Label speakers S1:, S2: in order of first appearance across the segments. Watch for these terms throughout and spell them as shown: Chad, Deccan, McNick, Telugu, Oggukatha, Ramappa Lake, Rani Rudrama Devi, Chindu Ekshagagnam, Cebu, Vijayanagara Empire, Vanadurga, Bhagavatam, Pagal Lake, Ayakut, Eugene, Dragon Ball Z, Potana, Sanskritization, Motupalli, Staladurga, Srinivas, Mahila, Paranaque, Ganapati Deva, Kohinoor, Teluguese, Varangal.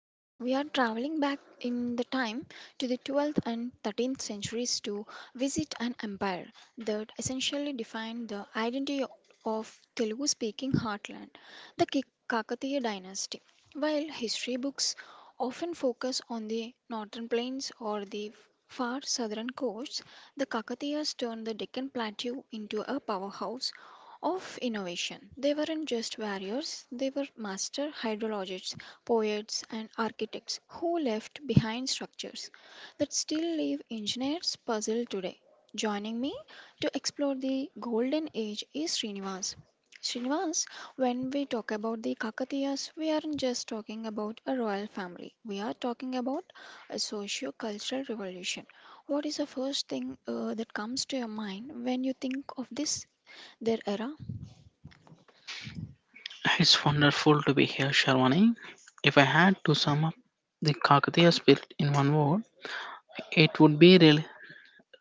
S1: Today we are traveling back in the time to the 12th and 13th centuries to visit an empire that essentially defined the identity of Telugu speaking heartland, the Kakatiya dynasty. While history books often focus on the northern plains or the far southern coasts, the Kakatiyas turned the Deccan Plateau into a powerhouse of innovation. They weren't just warriors, they were master hydrologists, poets, and architects who left behind structures that still leave engineers puzzled today. Joining me to explore the golden age is Srinivas. Srinivas, when we talk about the Kakatiyas, we aren't just talking about a royal family. We are talking about a socio-cultural revolution. What is the first thing that comes to your mind when you think of this their era?
S2: it's wonderful to be here, Sharwani. If I had to sum up the Kakatiya spirit in one word, it would be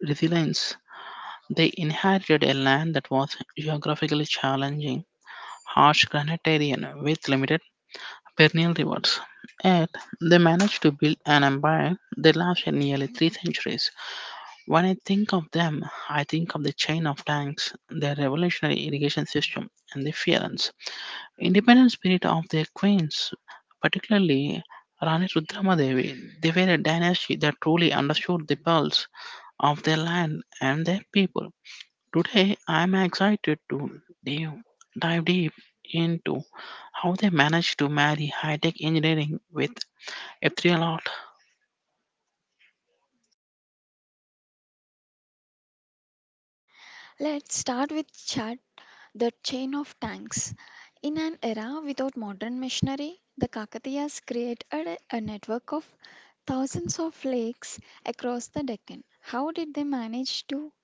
S2: resilience. They inherited a land that was geographically challenging, harsh granitarian with limited perennial rivers. Yet, they managed to build an empire that lasted nearly 3 centuries. When I think of them, I think of the chain of tanks, their revolutionary irrigation system, and the fearance independent spirit of their queens, particularly Rani Rudramadevi. They were a dynasty that truly understood the pulse of their land and their people. Today, I am excited to dive deep into how they managed to marry high tech engineering with ethereal art.
S1: Let's start with Chad, the chain of tanks. In an era without modern machinery, the Kakatiyas created a network of thousands of lakes across the Deccan. How did they manage to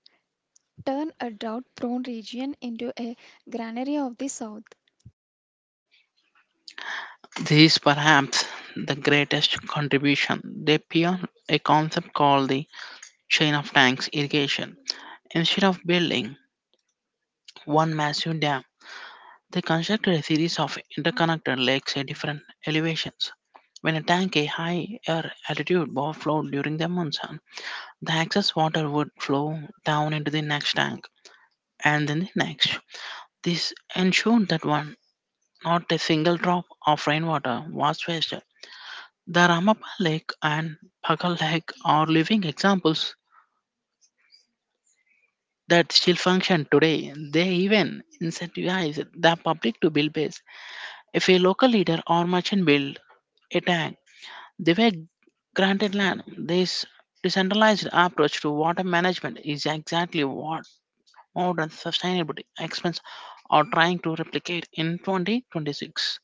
S1: turn a drought prone region into a granary of the south?
S2: This is perhaps the greatest contribution. They pioneered a concept called the chain of tanks irrigation. Instead of building one massive dam, they constructed a series of interconnected lakes at different elevations. When a tank at high air altitude overflowed during the monsoon, the excess water would flow down into the next tank and then the next. This ensured that one not a single drop of rainwater was wasted. The Ramappa Lake and Pagal Lake are living examples that still function today. They even incentivize the public to build bays. If a local leader or merchant built a tank, they were granted land. This decentralized approach to water management is exactly what modern sustainability experts are trying to replicate in 2026.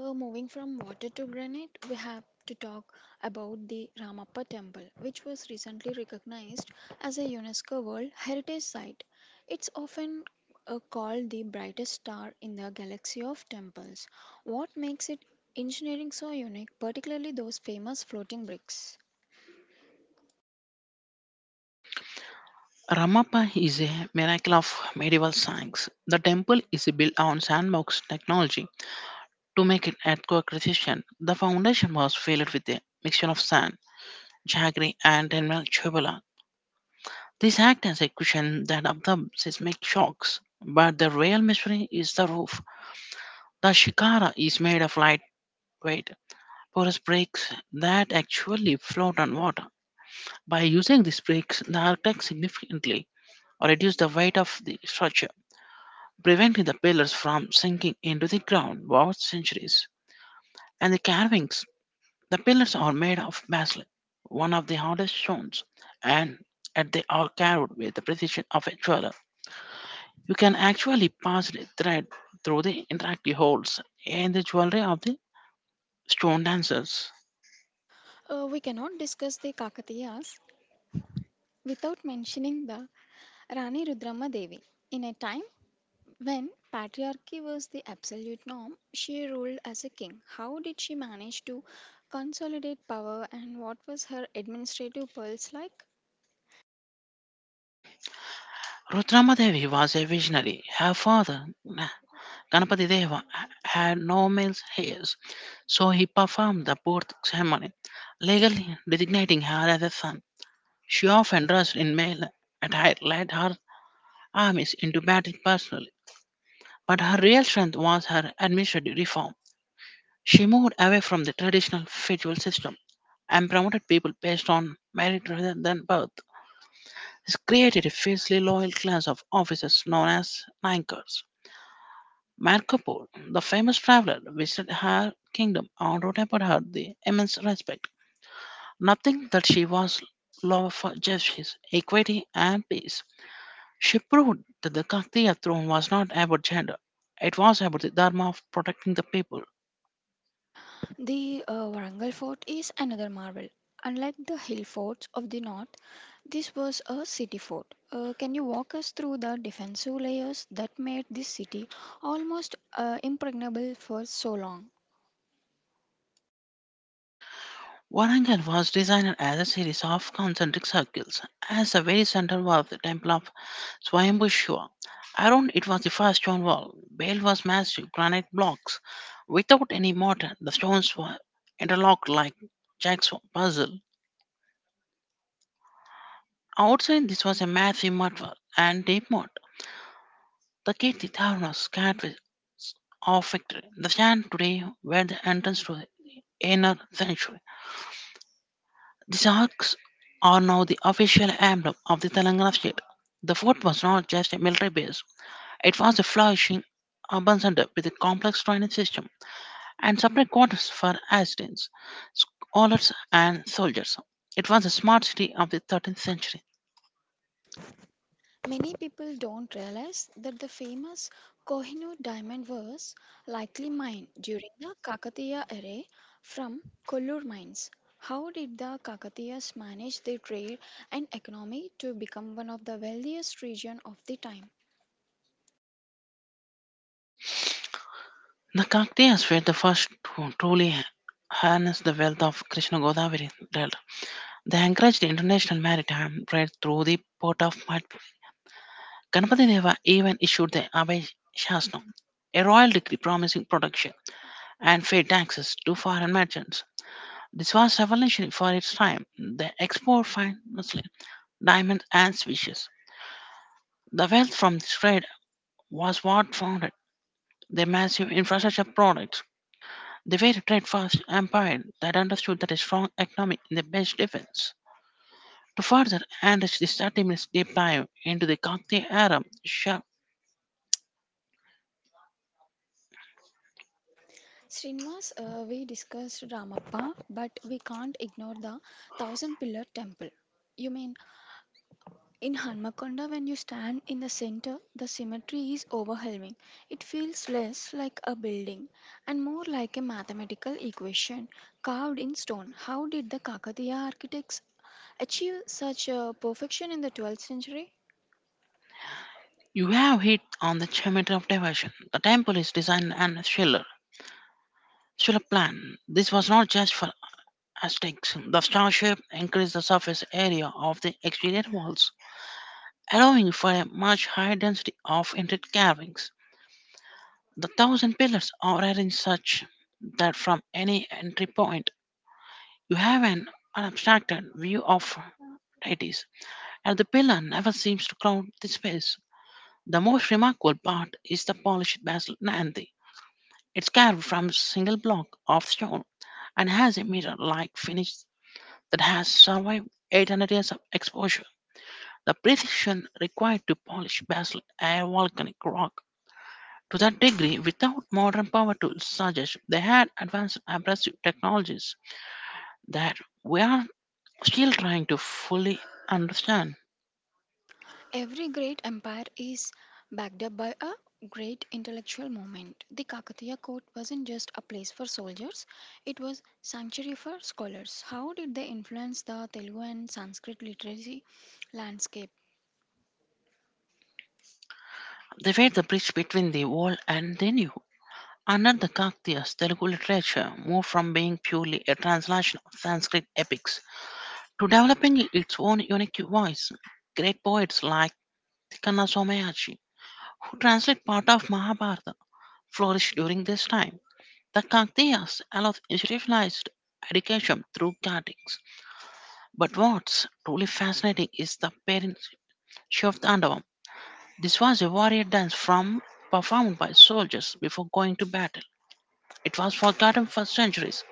S1: Moving from water to granite, we have to talk about the Ramappa Temple, which was recently recognized as a UNESCO World Heritage Site. It's often called the brightest star in the galaxy of temples. What makes it engineering so unique, particularly those famous floating bricks?
S2: Ramappa is a miracle of medieval science. The temple is built on sandbox technology to make it earthquake resistant. The foundation was filled with a mixture of sand, jaggery, and mineral chubula. This acts as a cushion that absorbs seismic shocks. But the real mystery is the roof. The shikara is made of lightweight porous bricks that actually float on water. By using these bricks, the architect significantly reduced the weight of the structure, preventing the pillars from sinking into the ground over centuries. And the carvings, the pillars are made of basalt, one of the hardest stones, and and they are carved with the precision of a jeweler. You can actually pass the thread through the interactive holes in the jewelry of the stone dancers.
S1: We cannot discuss the Kakatiyas without mentioning the Rani Rudrama Devi. In a time when patriarchy was the absolute norm, she ruled as a king. How did she manage to consolidate power, and what was her administrative pulse like?
S2: Rudramadevi was a visionary. Her father, Ganapati Deva, had no male heirs, so he performed the birth ceremony, legally designating her as a son. She often dressed in male attire, led her armies into battle personally, but her real strength was her administrative reform. She moved away from the traditional feudal system and promoted people based on merit rather than birth. This created a fiercely loyal class of officers known as Naikars. Marco Polo, the famous traveler, visited her kingdom and wrote about her the immense respect. Nothing that she was love for justice, equity, and peace. She proved that the Kaktiya throne was not about gender, it was about the dharma of protecting the people.
S1: The Warangal fort is another marvel. Unlike the hill forts of the north, this was a city fort. Can you walk us through the defensive layers that made this city almost impregnable for so long?
S2: Warangal was designed as a series of concentric circles, as the very center was the temple of Swayambhu Shiva. Around it was the first stone wall. Built was massive granite blocks. Without any mortar, the stones were interlocked like jacks of puzzle. Outside, this was a massive mud wall and deep moat. The gate the town was scarred with of victory. The stand today were the entrance to the inner sanctuary. The Sharks are now the official emblem of the Telangana state. The fort was not just a military base, it was a flourishing urban center with a complex training system and separate quarters for assistants, scholars, and soldiers. It was a smart city of the 13th century.
S1: Many people don't realize that the famous Kohinoor diamond was likely mined during the Kakatiya era from Kollur mines. How did the Kakatiyas manage their trade and economy to become one of the wealthiest regions of the time?
S2: The Kakatiyas were the first to truly harness the wealth of Krishna Godavari Delta. They encouraged international maritime trade through the port of Madhya. Ganpati Deva even issued the Abhay Shastnam, a royal decree promising protection and fair taxes to foreign merchants. This was revolutionary for its time. They export fine muslin, diamonds, and species. The wealth from this trade was what founded their massive infrastructure products. They were a trade-first empire that understood that a strong economy is the best defense. To further enrich this 30 minutes deep dive into the Kakti era, shall...
S1: Srinivas, we discussed Ramappa, but we can't ignore the Thousand Pillar Temple. You may In Hanmakonda, when you stand in the center, the symmetry is overwhelming. It feels less like a building and more like a mathematical equation carved in stone. How did the Kakatiya architects achieve such a perfection in the 12th century?
S2: You have hit on the geometry of diversion. The temple is designed and Schiller. Schiller plan. This was not just for aesthetics. The star shape increased the surface area of the exterior walls, allowing for a much higher density of intricate carvings. The thousand pillars are arranged such that from any entry point you have an unobstructed view of deities, and the pillar never seems to crowd the space. The most remarkable part is the polished basalt Nandi. It's carved from a single block of stone and has a mirror-like finish that has survived 800 years of exposure. The precision required to polish basalt a volcanic rock to that degree without modern power tools suggests they had advanced abrasive technologies that we are still trying to fully understand.
S1: Every great empire is backed up by a great intellectual movement. The Kakatiya court wasn't just a place for soldiers, it was sanctuary for scholars. How did they influence the Telugu and Sanskrit literacy landscape?
S2: They were the bridge between the old and the new. Under the Kaktias, Telugu literature moved from being purely a translation of Sanskrit epics to developing its own unique voice. Great poets like Tikana Somayaji, who translate part of Mahabharata, flourished during this time. The Kakatiyas allowed institutionalized education through cuttings. But what's truly fascinating is the parents of the Andavam. This was a warrior dance from performed by soldiers before going to battle. It was forgotten for centuries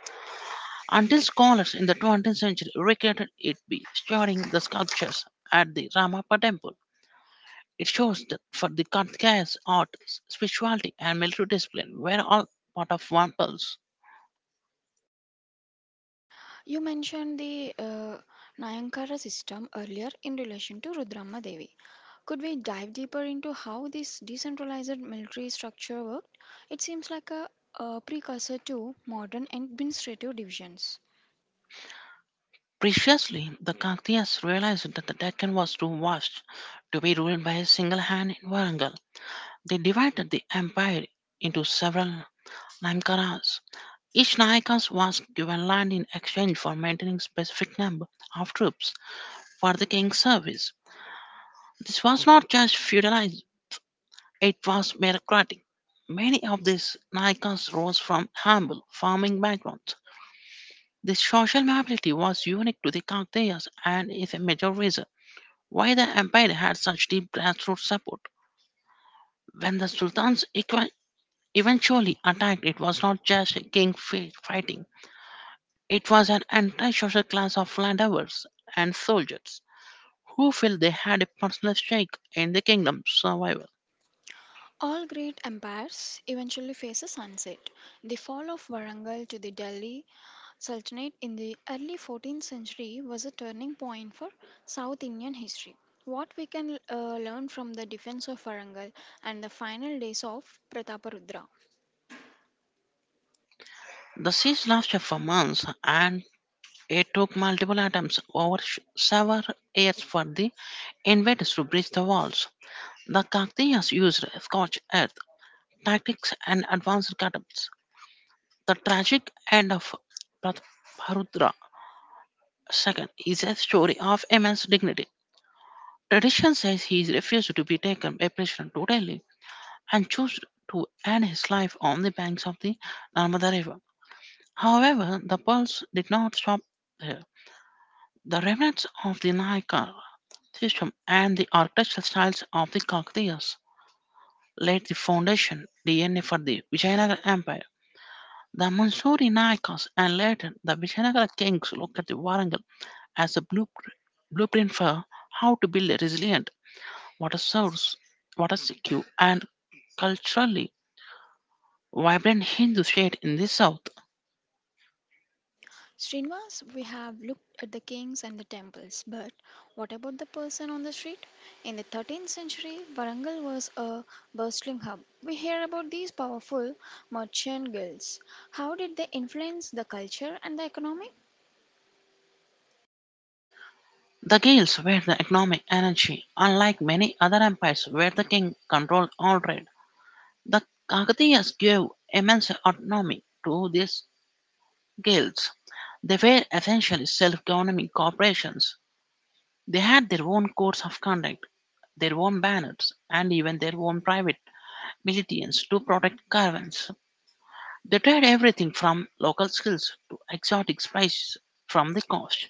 S2: until scholars in the 20th century recreated it by studying the sculptures at the Ramappa temple. It shows that for the Kantka's art, spirituality, and military discipline were all part of one pulse.
S1: You mentioned the Nayankara system earlier in relation to Rudramma Devi. Could we dive deeper into how this decentralized military structure worked? It seems like a precursor to modern administrative divisions.
S2: Preciously, the Kaktias realized that the Deccan was too vast to be ruled by a single hand in Warangal. They divided the empire into several Naimkaras. Each Nayakas was given land in exchange for maintaining specific number of troops for the king's service. This was not just feudalism, it was meritocratic. Many of these Naikas rose from humble farming backgrounds. This social mobility was unique to the Kakatiyas and is a major reason why the empire had such deep grassroots support. When the eventually attacked, it was not just a fighting, it was an entire social class of landowners and soldiers who felt they had a personal stake in the kingdom's survival.
S1: All great empires eventually face a sunset. The fall of Warangal to the Delhi Sultanate in the early 14th century was a turning point for South Indian history. What we can learn from the defense of Warangal and the final days of Prataparudra.
S2: The siege lasted for months, and it took multiple attempts several years for the invaders to breach the walls. The Kakatiyas used scorched earth tactics and advanced catapults. The tragic end of Pratabharudra II is a story of immense dignity. Tradition says he refused to be taken by prisoner to Delhi and chose to end his life on the banks of the Narmada River. However, the Poles did not stop there. The remnants of the Nayaka system and the architectural styles of the Kakatiyas laid the foundation DNA for the Vijayanagara Empire. The Mansuri Nayakas and later the Vijayanagara kings looked at the Warangal as a blueprint, for how to build a resilient, water source, water secure, and culturally vibrant Hindu state in the south.
S1: Srinivas, we have looked at the kings and the temples, but what about the person on the street? In the 13th century, Varangal was a bustling hub. We hear about these powerful merchant guilds. How did they influence the culture and the economy?
S2: The Gaels were the economic energy, unlike many other empires where the king controlled all trade. The Kakatiyas gave immense autonomy to these guilds. They were essentially self governing corporations. They had their own codes of conduct, their own banners, and even their own private militants to protect caravans. They tried everything from local skills to exotic spices from the coast.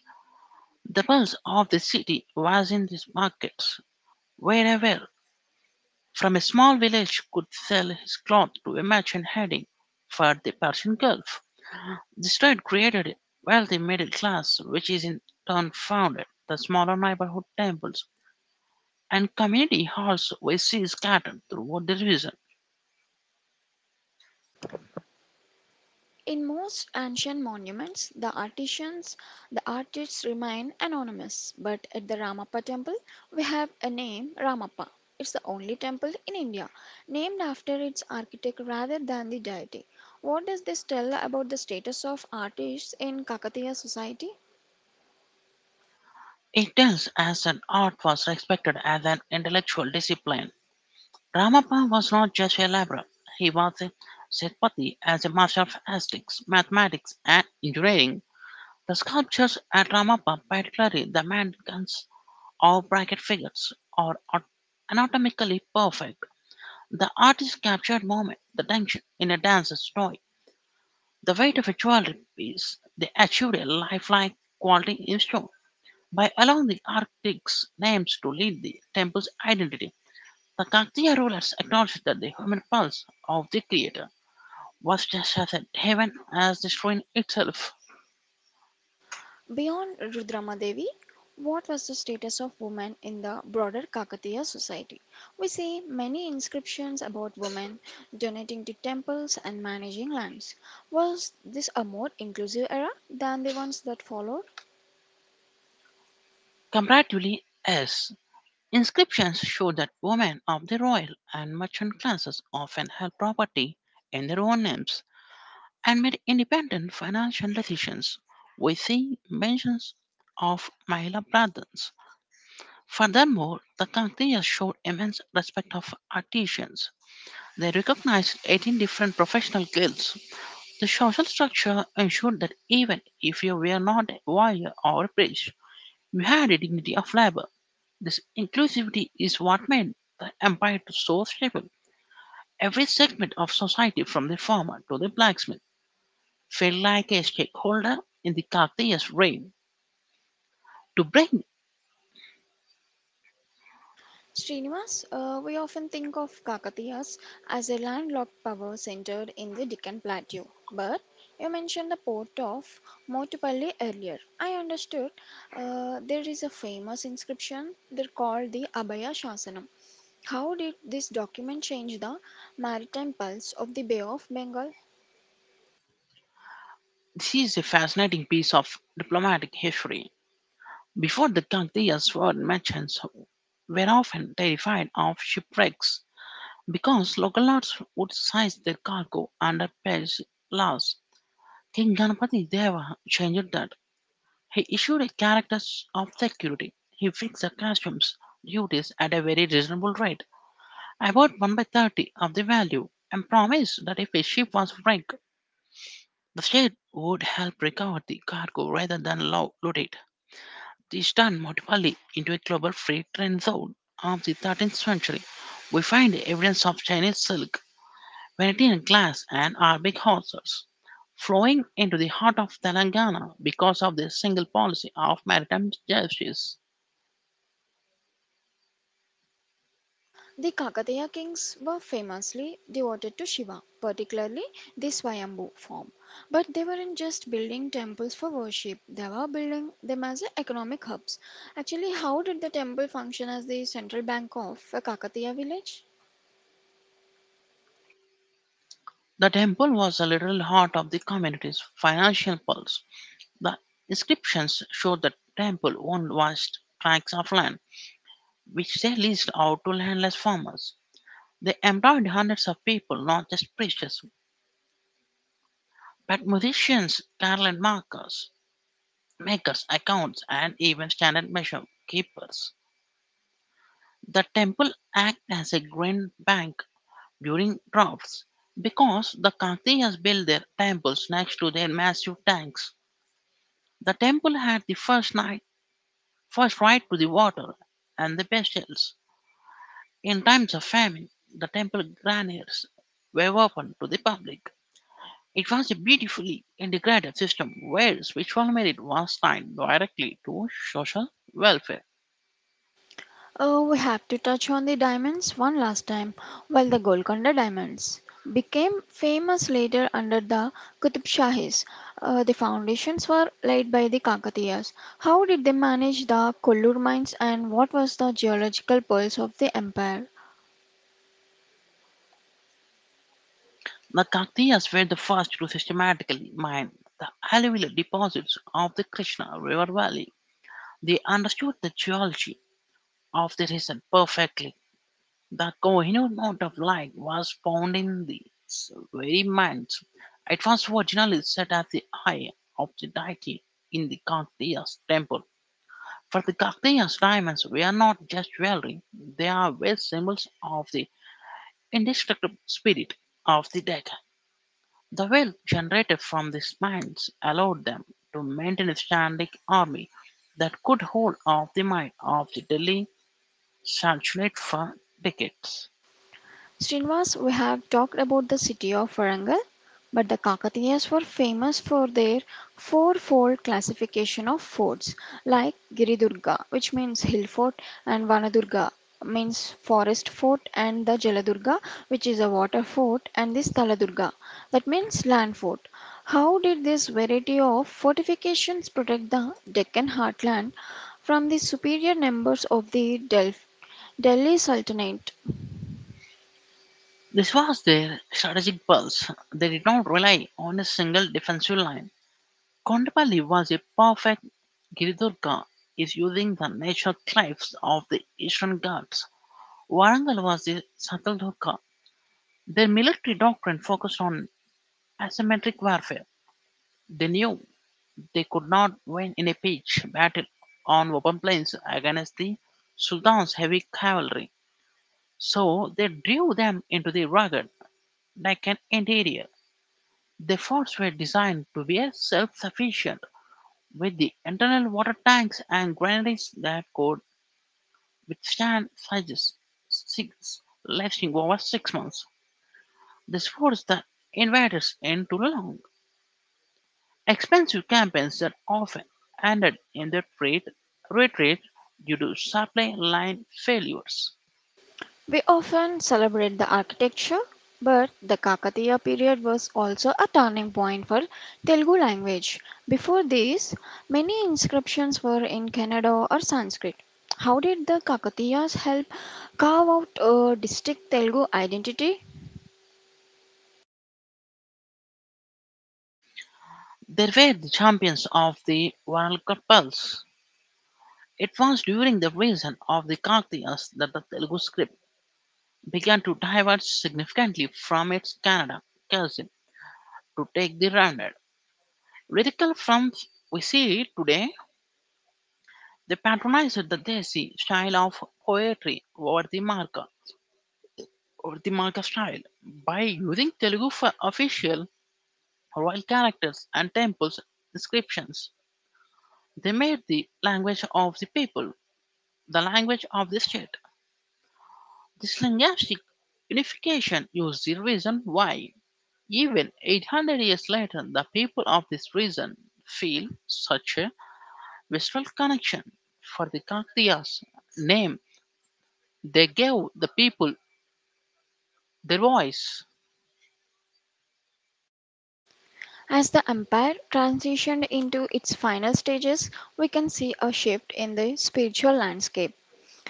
S2: The pulse of the city was in these markets, where a well from a small village could sell his cloth to a merchant heading for the Persian Gulf. The state created a wealthy middle class, which is in turn founded the smaller neighborhood temples and community halls we see scattered throughout the region.
S1: In most ancient monuments, the artisans, the artists remain anonymous, but at the Ramappa temple, we have a name Ramappa. It's the only temple in India named after its architect rather than the deity. What does this tell about the status of artists in Kakatiya society?
S2: It tells us that art was respected as an intellectual discipline. Ramappa was not just a laborer, he was a Setpati as a master of aesthetics, mathematics, and engineering. The sculptures at Ramappa, particularly the mannequins or bracket figures, are anatomically perfect. The artist captured moment, the tension in a dancer's story, the weight of a jewelry piece. They achieved a lifelike quality in stone by allowing the architects' names to lead the temple's identity. The Kaktiya rulers acknowledged that the human pulse of the creator was just as heaven as the shrine itself.
S1: Beyond Rudramadevi, what was the status of women in the broader Kakatiya society? We see many inscriptions about women donating to temples and managing lands. Was this a more inclusive era than the ones that followed?
S2: Comparatively, as inscriptions show that women of the royal and merchant classes often held property in their own names, and made independent financial decisions within mentions of Mahila brothers. Furthermore, the Kakatiyas showed immense respect of artisans. They recognized 18 different professional guilds. The social structure ensured that even if you were not a warrior or a priest, you had a dignity of labor. This inclusivity is what made the empire to so stable. Every segment of society, from the farmer to the blacksmith, felt like a stakeholder in the Kaktiya's reign. To bring
S1: Srinivas, we often think of Kakatiyas as a landlocked power centered in the Deccan Plateau, but you mentioned the port of Motupalli earlier. I understood there is a famous inscription they called the Abhaya Shasanam. How did this document change the maritime pulse of the Bay of Bengal?
S2: this is a fascinating piece of diplomatic history. Before the Kaktiya's were merchants were often terrified of shipwrecks because local lords would seize their cargo under pledge laws. King Ganapati Deva changed that. He issued a character of security. He fixed the customs duties at a very reasonable rate, about 1 by 30 of the value, and promised that if a ship was wrecked, the state would help recover the cargo rather than loot it. This turned Montebello into a global freight trade zone of the 13th century. We find evidence of Chinese silk, Venetian glass, and Arabic horses flowing into the heart of Telangana because of this single policy of maritime justice.
S1: The Kakatiya kings were famously devoted to Shiva, particularly the Swayambhu form. But they weren't just building temples for worship, they were building them as economic hubs. Actually, how did the temple function as the central bank of a Kakatiya village?
S2: The temple was the literal heart of the community's financial pulse. The inscriptions show the temple owned vast tracts of land which they leased out to landless farmers. They employed hundreds of people, not just preachers, but musicians, garland markers, makers, accounts, and even standard measure keepers. The temple acted as a grain bank during droughts because the Kanthiyas built their temples next to their massive tanks. The temple had the first night, first right to the water and the best shells. In times of famine, the temple granaries were open to the public. It was a beautifully integrated system where switch farming was tied directly to social welfare.
S1: We have to touch on the diamonds one last time. While the Golconda diamonds became famous later under the Qutub Shahis, the foundations were laid by the Kakatiyas. How did they manage the Kollur mines, and what was the geological pulse of the empire?
S2: The Kakatiyas were the first to systematically mine the alluvial deposits of the Krishna River Valley. They understood the geology of the region perfectly. The Kohinoor note of light was found in these very mines. It was originally set at the eye of the deity in the Kakatiyas temple. For the Carthaginians, diamonds were not just jewelry, they are wealth symbols of the indestructible spirit of the dead. The wealth generated from these mines allowed them to maintain a standing army that could hold off the might of the Delhi Sultanate for decades.
S1: Srinivas, we have talked about the city of Varangal, but the Kakatiyas were famous for their fourfold classification of forts, like Giridurga, which means hill fort, and Vanadurga, means forest fort, and the Jaladurga, which is a water fort, and the Staladurga, that means land fort. How did this variety of fortifications protect the Deccan heartland from the superior numbers of the Delhi Sultanate?
S2: This was their strategic pulse. They did not rely on a single defensive line. Kondapalli was a perfect Giridurga is using the natural cliffs of the Eastern Ghats. Warangal was the Sataldhoka. Their military doctrine focused on asymmetric warfare. They knew they could not win in a pitched battle on open plains against the Sultan's heavy cavalry, so they drew them into the rugged, Deccan interior. Their forts were designed to be self-sufficient, with the internal water tanks and granaries that could withstand sieges lasting over 6 months. This forced the invaders into long, expensive campaigns that often ended in their trade retreat due to supply line failures.
S1: We often celebrate the architecture, but the Kakatiya period was also a turning point for Telugu language. Before this, many inscriptions were in Kannada or Sanskrit. How did the Kakatiyas help carve out a distinct Telugu identity?
S2: They were the champions of the Varalka Pulse. It was during the reign of the Kakatiyas that the Telugu script began to diverge significantly from its Kannada cousin to take the rounded lyrical form we see today. They patronized the Desi style of poetry over the marker or the Malka style by using official royal characters and temples inscriptions. They made the language of the people the language of the state. This linguistic unification is the reason why, even 800 years later, the people of this region feel such a visceral connection. For the Kakatiyas name, they gave the people their voice.
S1: As the empire transitioned into its final stages, we can see a shift in the spiritual landscape.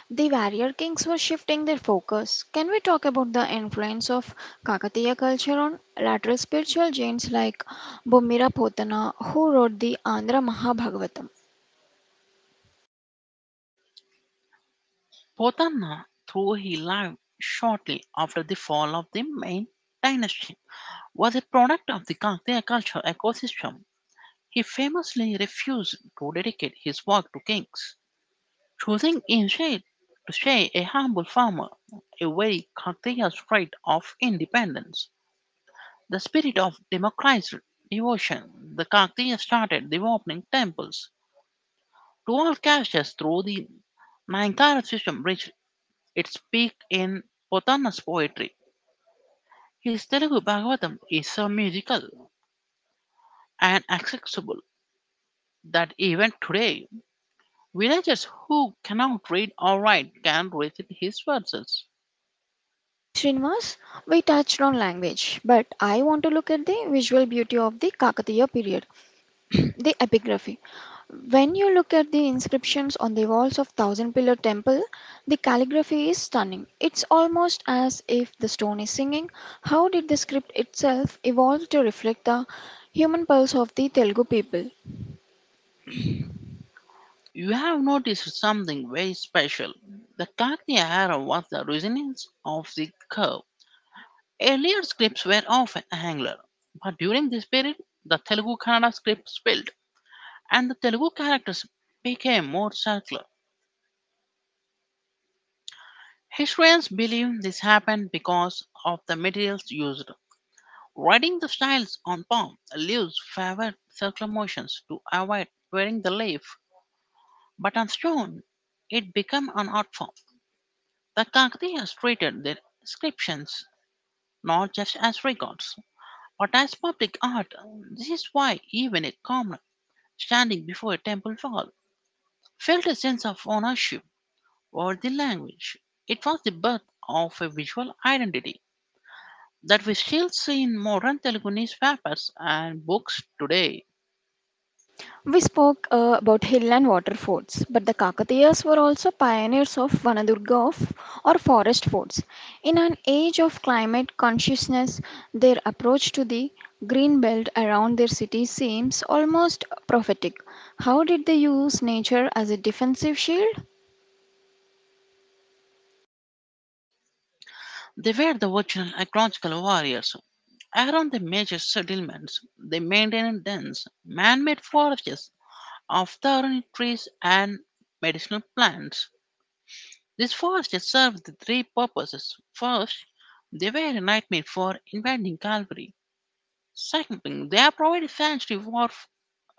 S1: The warrior kings were shifting their focus. Can we talk about the influence of Kakatiya culture on later spiritual giants like Bumira Potana, who wrote the Andhra Mahabhagavatam?
S2: Potana, though he lived shortly after the fall of the main dynasty, was a product of the Kaktiya cultural ecosystem. He famously refused to dedicate his work to kings, choosing instead to stay a humble farmer, a very Kaktiya trait of independence. The spirit of democratized devotion, the Kaktiya started developing temples to all castes through the Nankara system, which its peak in Pothana's poetry. His Telugu Bhagavatam is so musical and accessible that even today, villagers who cannot read or write can recite his verses.
S1: Srinivas, we touched on language, but I want to look at the visual beauty of the Kakatiya period, the epigraphy. When you look at the inscriptions on the walls of Thousand Pillar Temple, the calligraphy is stunning. It's almost as if the stone is singing. How did the script itself evolve to reflect the human pulse of the Telugu people?
S2: You have noticed something very special. The Kakya era was the resonance of the curve. Earlier scripts were often angular, but during this period, the Telugu Kannada script spilled and the Telugu characters became more circular. Historians believe this happened because of the materials used. Riding the styles on palm leaves favored circular motions to avoid wearing the leaf, but on stone it became an art form. The Kakatiyas treated their inscriptions not just as records, but as public art. This is why even a commoner standing before a temple wall felt a sense of ownership over the language. It was the birth of a visual identity that we still see in modern Teluguese papers and books today.
S1: We spoke about hill and water forts, but the Kakatiyas were also pioneers of Vanadurga or forest forts. In an age of climate consciousness, their approach to the green belt around their city seems almost prophetic. How did they use nature as a defensive shield?
S2: They were the original ecological warriors. Around the major settlements, they maintained dense, man-made forests of thorny trees and medicinal plants. These forests served the three purposes. First, they were a nightmare for invading cavalry. Second, they provided sanctuary for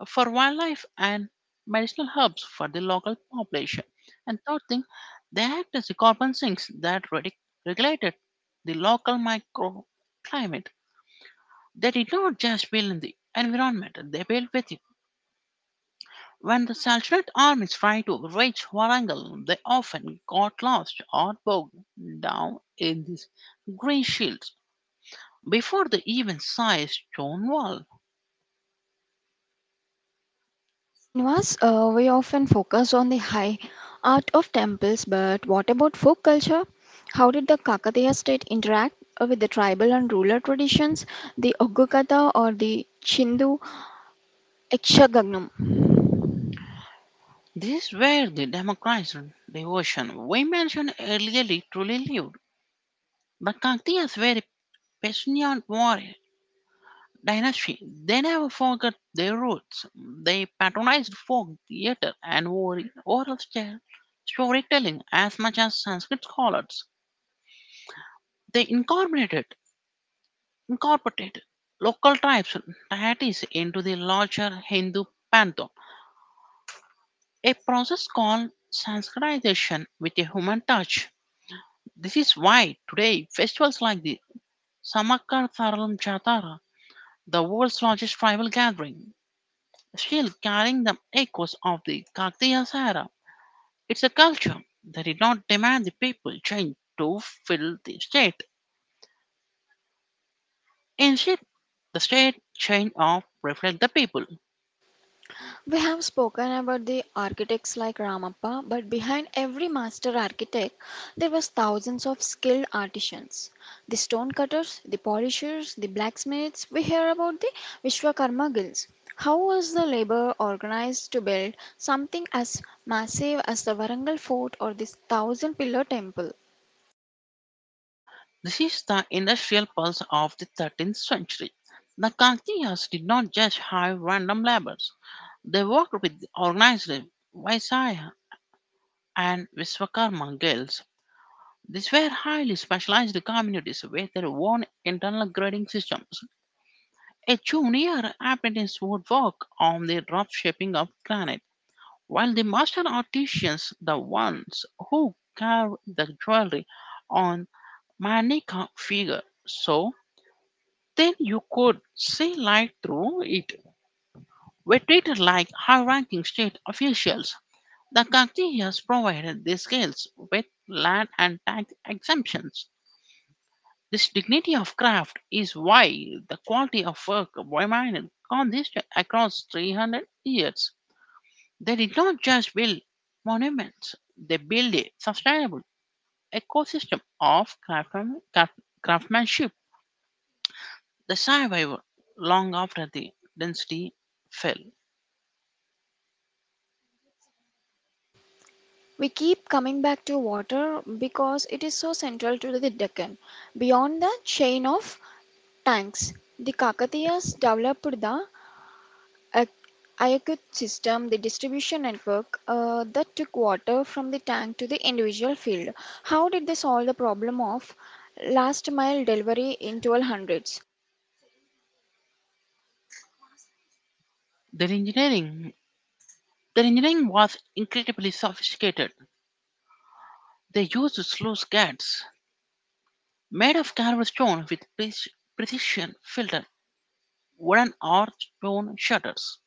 S2: wildlife and medicinal herbs for the local population. And third thing, they act as the carbon sinks that regulated the local microclimate. They did not just build in the environment, they built with it. When the Saltanate armies tried to reach Warangal, they often got lost or bogged down in these green shields before they even saw a stone wall.
S1: Srinivas, we often focus on the high art of temples, but what about folk culture? How did the Kakatiya state interact with the tribal and rural traditions, the Oggukatha or the Chindu Ekshagagnam?
S2: This is where the democratized devotion we mentioned earlier truly lived. The Kakatiyas were a passionate warrior dynasty. They never forgot their roots. They patronized folk theater and oral storytelling as much as Sanskrit scholars. They incorporated local tribes deities into the larger Hindu pantheon, a process called Sanskritization with a human touch. This is why today festivals like the Samakkar Tharalam Jatara, the world's largest tribal gathering, still carrying the echoes of the Kaktiya Sahara. It's a culture that did not demand the people change to fill the state. Instead, the state change of reflect the people.
S1: We have spoken about the architects like Ramappa, but behind every master architect, there was thousands of skilled artisans. The stone cutters, the polishers, the blacksmiths. We hear about the Vishwakarma guilds. How was the labor organized to build something as massive as the Varangal fort or this thousand pillar temple?
S2: This is the industrial pulse of the 13th century. The Kakatiyas did not just hire random laborers. They worked with organized Vaisya and Vishwakarma guilds. These were highly specialized communities with their own internal grading systems. A junior apprentice would work on the rough shaping of granite, while the master artisans, the ones who carved the jewelry on Manika figure, so then you could see light through it. Were treated like high ranking state officials. The Kakhtiyas provided these guilds with land and tax exemptions. This dignity of craft is why the quality of work remained consistent across 300 years. They did not just build monuments, they built a sustainable ecosystem of craftsmanship. They survived long after the dynasty fell.
S1: We keep coming back to water because it is so central to the Deccan. Beyond the chain of tanks, the Kakatiyas developed the Ak- Ayakut system, the distribution network that took water from the tank to the individual field. How did they solve the problem of last mile delivery in 1200s?
S2: Their engineering Their engineering was incredibly sophisticated. They used sluice gates made of carved stone with precision filtered wooden or stone shutters.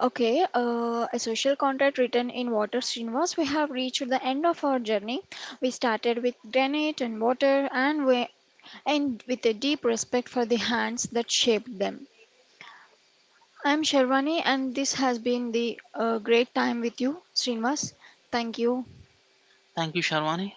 S1: Okay, a social contract written in water, Srinivas. We have reached the end of our journey. We started with granite and water, and we and with a deep respect for the hands that shaped them. I'm Sherwani, and this has been the great time with you, Srinivas. Thank you.
S2: Thank you, Sharwani.